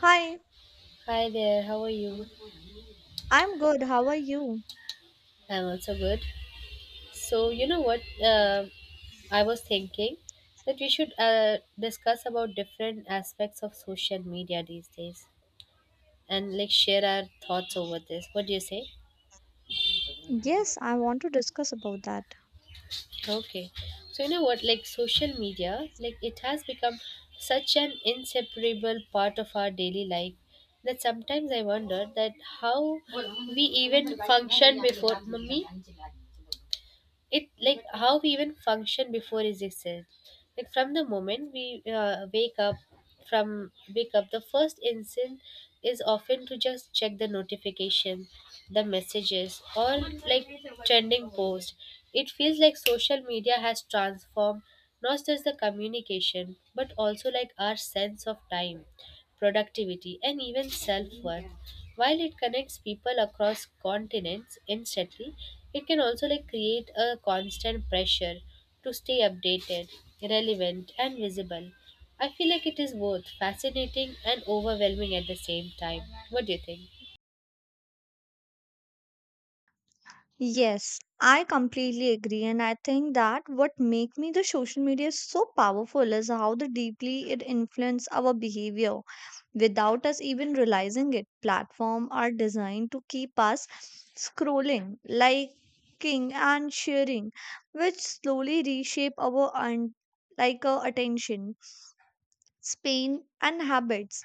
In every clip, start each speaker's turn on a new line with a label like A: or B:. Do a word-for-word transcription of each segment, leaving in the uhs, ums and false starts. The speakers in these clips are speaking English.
A: Hi,
B: Hi there, how are you?
A: I'm good. How are you?
B: I'm also good. So, you know what? Uh, I was thinking that we should uh, discuss about different aspects of social media these days and like share our thoughts over this. What do you say?
A: Yes, I want to discuss about that.
B: Okay. So, you know what? Like social media, like it has become such an inseparable part of our daily life that sometimes I wonder that how we even function before. Mummy? It like how we even function before is existed, like from the moment we uh, wake up, from wake up the first instinct is often to just check the notification, the messages, or like trending post. It feels like social media has transformed not just the communication but also like our sense of time, productivity, and even self-worth. While it connects people across continents instantly, it can also like create a constant pressure to stay updated, relevant, and visible. I feel like it is both fascinating and overwhelming at the same time. What do you think?
A: Yes, I completely agree and I think that what make me the social media so powerful is how the deeply it influence our behavior without us even realizing it. Platform are designed to keep us scrolling, liking and sharing, which slowly reshape our un- like uh, attention, span and habits.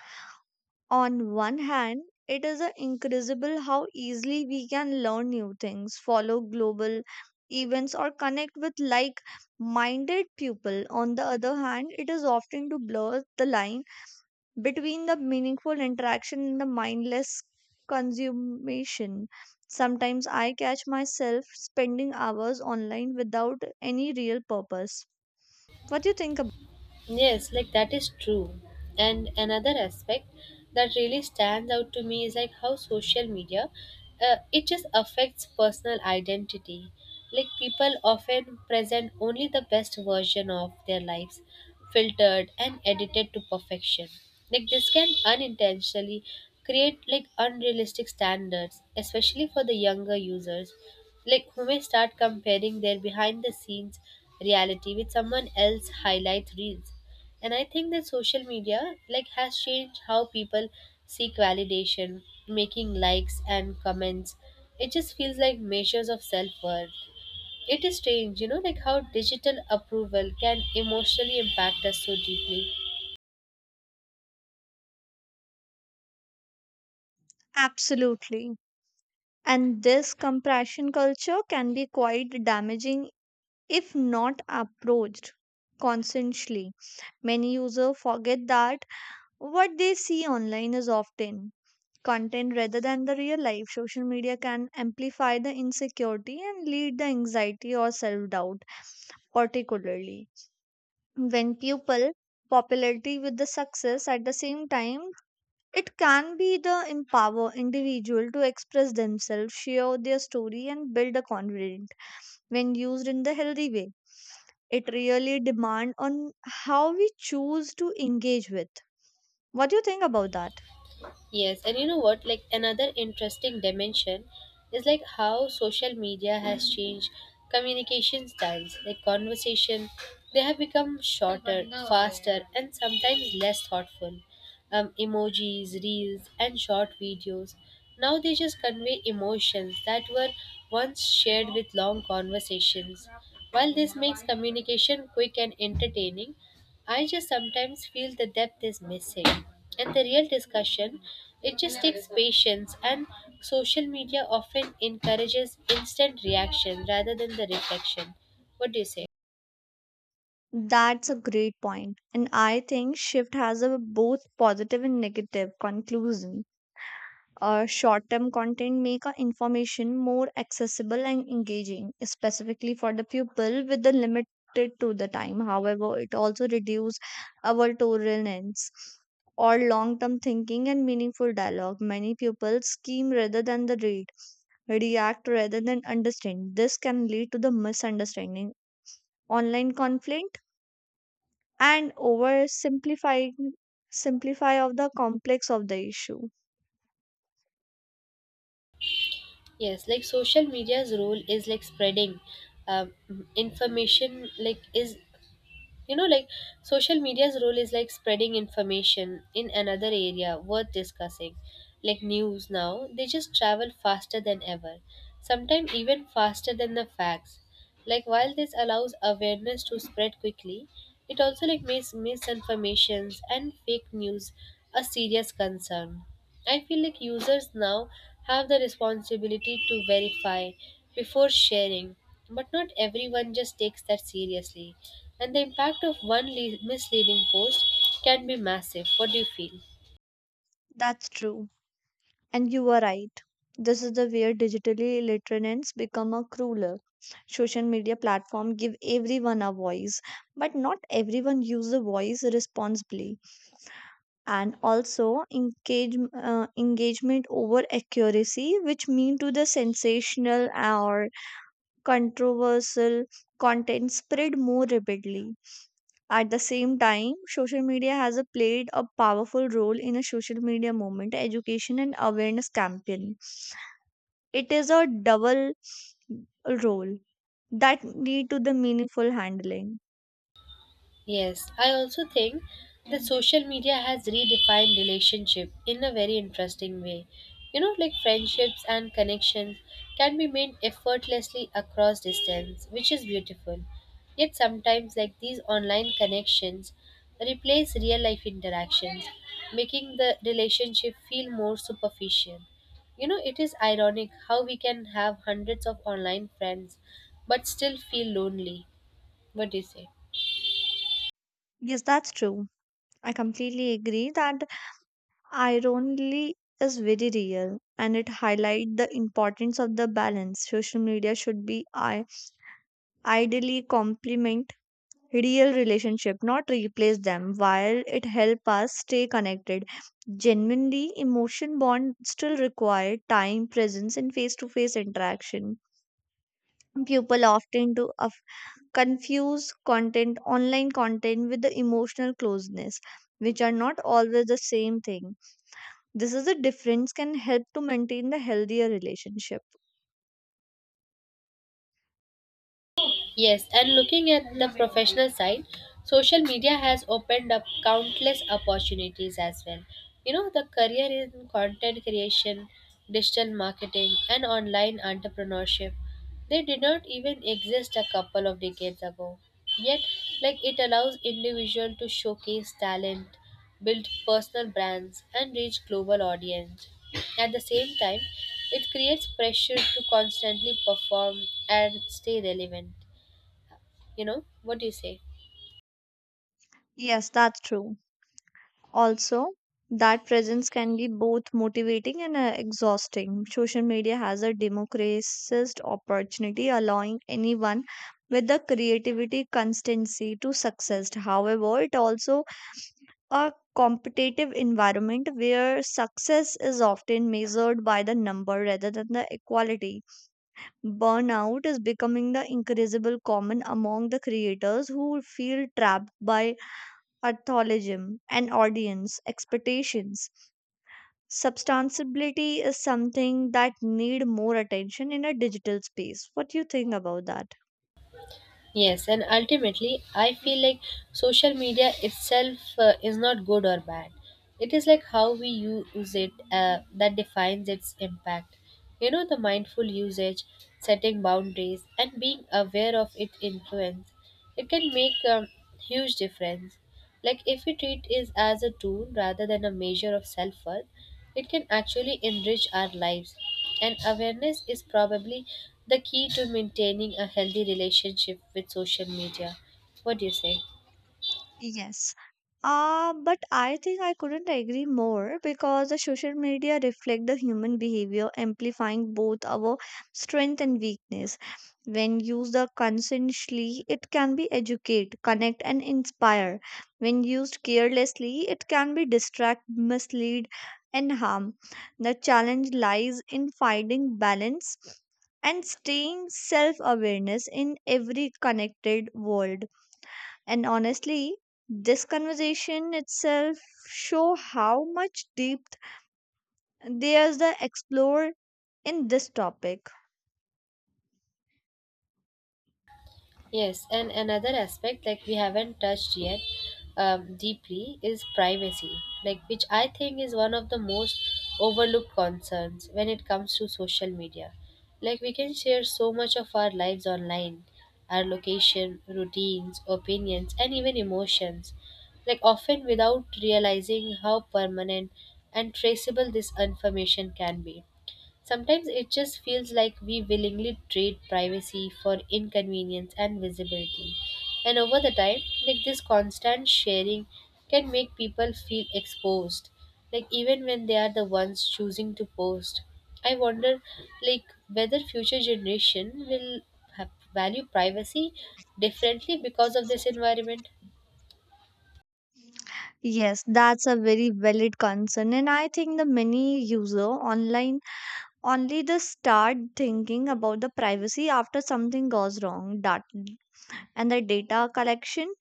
A: On one hand, it is a incredible how easily we can learn new things, follow global events, or connect with like minded people. On the other hand, it is often to blur the line between the meaningful interaction and the mindless consummation. Sometimes I catch myself spending hours online without any real purpose. What do you think about?
B: Yes, like that is true. And another aspect that really stands out to me is like how social media uh, it just affects personal identity. Like people often present only the best version of their lives, filtered and edited to perfection. Like this can unintentionally create like unrealistic standards, especially for the younger users, like who may start comparing their behind the scenes reality with someone else highlight reels. And I think that social media like has changed how people seek validation, making likes and comments it just feels like measures of self-worth. It is strange, you know, like how digital approval can emotionally impact us so deeply.
A: Absolutely. And this compression culture can be quite damaging if not approached consciously. Many users forget that what they see online is often content rather than the real life. Social media can amplify the insecurity and lead the anxiety or self doubt, particularly when people popularity with the success at the same time it can be the empower individual to express themselves share their story and build a confidence when used in the healthy way. It really depends on how we choose to engage with. What do you think about that?
B: Yes, and you know what? Like another interesting dimension is like how social media has changed communication styles. Like conversation, they have become shorter, faster, and sometimes less thoughtful. Um, emojis, reels, and short videos now they just convey emotions that were once shared with long conversations. While this makes communication quick and entertaining, I just sometimes feel the depth is missing. And the real discussion, it just takes patience, and social media often encourages instant reaction rather than the reflection. What do you say?
A: That's a great point. And I think shift has a both positive and negative conclusion. Uh, short term content make our information more accessible and engaging, specifically for the pupil with the limited to the time. However, it also reduce our tolerance or long term thinking and meaningful dialogue. Many pupils scheme rather than the read, react rather than understand. This can lead to the misunderstanding, online conflict, and oversimplifying simplify of the complex of the issue.
B: Yes, like social media's role is like spreading um, information like is you know like social media's role is like spreading information in another area worth discussing. Like news now, they just travel faster than ever, sometimes even faster than the facts. Like while this allows awareness to spread quickly, it also like makes misinformations and fake news a serious concern. I feel like users now have the responsibility to verify before sharing, but not everyone just takes that seriously, and the impact of one le- misleading post can be massive. What do you feel?
A: That's true. And you are right. This is the where digitally illiterate become a crueler. Social media platform give everyone a voice, but not everyone use the voice responsibly. And also engage, uh, engagement over accuracy, which mean to the sensational or controversial content spread more rapidly. At the same time, social media has a played a powerful role in a social media movement, education and awareness campaign it is a double role that lead to the meaningful handling.
B: Yes, I also think that social media has redefined relationship in a very interesting way. You know, like friendships and connections can be made effortlessly across distance, which is beautiful. Yet sometimes like these online connections replace real life interactions, making the relationship feel more superficial. You know, it is ironic how we can have hundreds of online friends but still feel lonely. What do you say?
A: Yes, that's true. I completely agree that irony is very real and it highlight the importance of the balance. Social media should be I- ideally complement real relationship, not replace them. While it help us stay connected, genuinely emotion bond still require time, presence, and face-to-face interaction. People often do of confuse content, online content, with the emotional closeness, which are not always the same thing. This is a difference can help to maintain the healthier relationship.
B: Yes, and looking at the professional side, social media has opened up countless opportunities as well. You know, the career in content creation, digital marketing, and online entrepreneurship, they did not even exist a couple of decades ago. Yet, like it allows individual to showcase talent, build personal brands, and reach global audience. At the same time, it creates pressure to constantly perform and stay relevant. You know, what do you say?
A: Yes, that's true. Also, that presence can be both motivating and uh, exhausting. Social media has a democratized opportunity, allowing anyone with the creativity constancy to success. However, it also a competitive environment where success is often measured by the number rather than the equality. Burnout is becoming the increasable common among the creators who feel trapped by algorithm and audience expectations. Substantiability is something that need more attention in a digital space. What do you think about that?
B: Yes, and ultimately I feel like social media itself uh, is not good or bad. It is like how we use it uh, that defines its impact. You know, the mindful usage, setting boundaries, and being aware of its influence, it can make a huge difference. Like, if we treat it as a tool rather than a measure of self worth, it can actually enrich our lives. And awareness is probably the key to maintaining a healthy relationship with social media. What do you say?
A: Yes. Uh, but I think I couldn't agree more because the social media reflect the human behavior, amplifying both our strength and weakness. When used the consciously, it can be educate, connect, and inspire. When used carelessly, it can be distract, mislead, and harm. The challenge lies in finding balance and staying self-awareness in every connected world. And honestly, this conversation itself show how much depth there's the explore in this topic.
B: Yes, and another aspect like we haven't touched yet um, deeply is privacy, like which I think is one of the most overlooked concerns when it comes to social media. Like we can share so much of our lives online, our location, routines, opinions, and even emotions, like often without realizing how permanent and traceable this information can be. Sometimes it just feels like we willingly trade privacy for inconvenience and visibility. And over the time, like this constant sharing can make people feel exposed, like even when they are the ones choosing to post. I wonder like whether future generation will have value privacy differently because of this environment.
A: Yes, that's a very valid concern, and I think the many user online only the start thinking about the privacy after something goes wrong. That and the data collection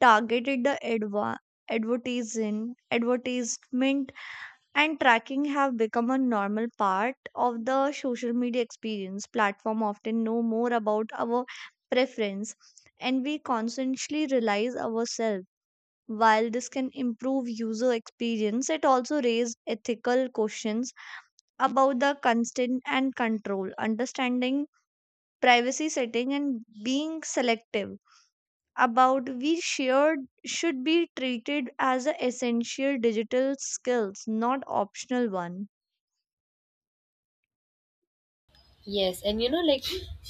A: targeted the adva- advertising advertisement and tracking have become a normal part of the social media experience platform often know more about our preference and we consciously realize ourselves while this can improve user experience it also raises ethical questions about the consent and control understanding privacy setting and being selective about we shared should be treated as a essential digital skills not optional one.
B: Yes, and you know, like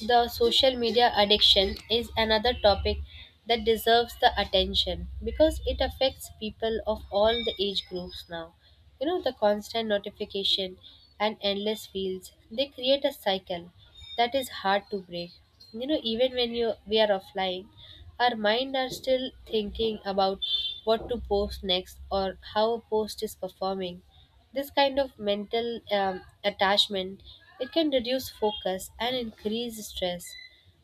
B: the social media addiction is another topic that deserves the attention because it affects people of all the age groups now. You know, the constant notification and endless fields, they create a cycle that is hard to break. You know, even when you we are offline, our mind are still thinking about what to post next or how a post is performing. This kind of mental um, attachment it can reduce focus and increase stress.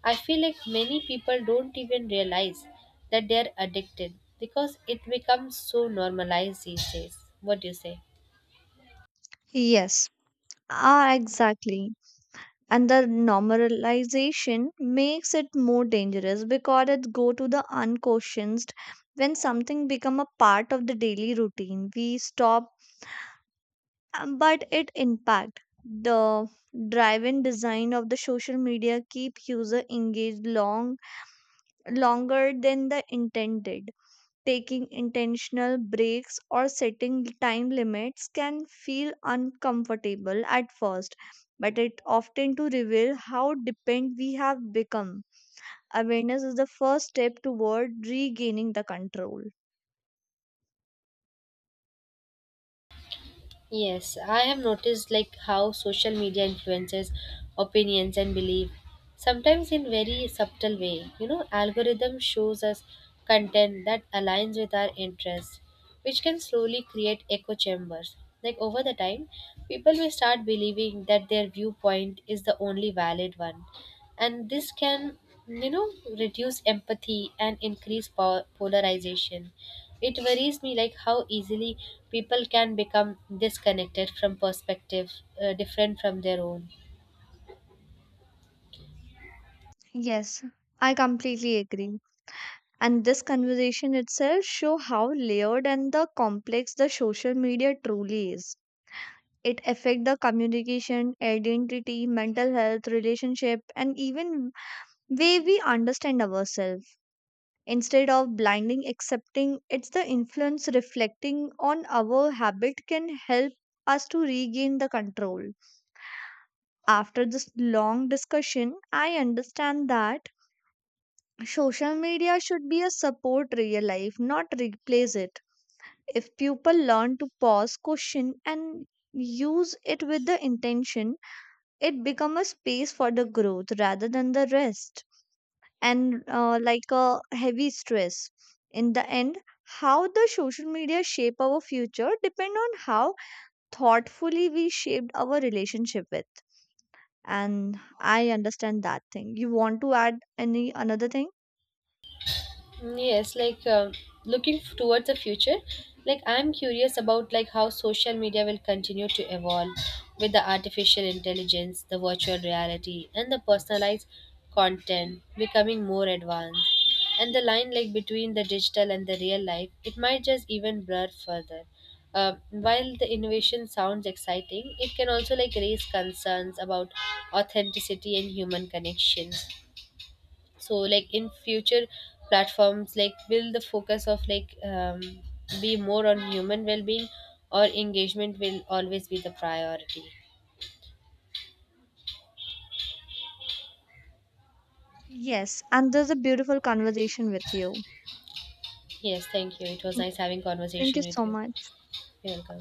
B: I feel like many people don't even realize that they're addicted because it becomes so normalized these days. What do you say?
A: Yes. Ah, exactly. And the normalization makes it more dangerous because it go to the unquestioned when something become a part of the daily routine. We stop, um, but it impact the driven design of the social media keep user engaged long longer than the intended taking intentional breaks or setting time limits can feel uncomfortable at first but it often to reveal how dependent we have become awareness is the first step toward regaining the control.
B: Yes, I have noticed like how social media influences opinions and belief, sometimes in very subtle way. You know, algorithm shows us content that aligns with our interests, which can slowly create echo chambers. Like over the time, people may start believing that their viewpoint is the only valid one, and this can, you know, reduce empathy and increase po- polarization. It worries me like how easily people can become disconnected from perspective, uh, different from their own.
A: Yes, I completely agree and this conversation itself show how layered and the complex the social media truly is it affect the communication identity mental health relationship and even way we understand ourselves instead of blinding accepting it's the influence reflecting on our habit can help us to regain the control after this long discussion I understand that social media should be a support real life not replace it if people learn to pause question and use it with the intention it becomes a space for the growth rather than the rest and uh, like a heavy stress in the end how the social media shape our future depend on how thoughtfully we shaped our relationship with and I understand that thing you want to add any another thing.
B: Mm, yes, like um looking f- towards the future, like I'm curious about like how social media will continue to evolve with the artificial intelligence, the virtual reality, and the personalized content becoming more advanced. And the line like between the digital and the real life, it might just even blur further. Uh, while the innovation sounds exciting, it can also like raise concerns about authenticity and human connections. So like in future, platforms like will the focus of like um, be more on human well-being, or engagement will always be the priority?
A: Yes, and there's a beautiful conversation with you.
B: Yes, thank you, it was nice having
A: Thank
B: conversation
A: you
B: with
A: so
B: you.
A: much.
B: You're welcome.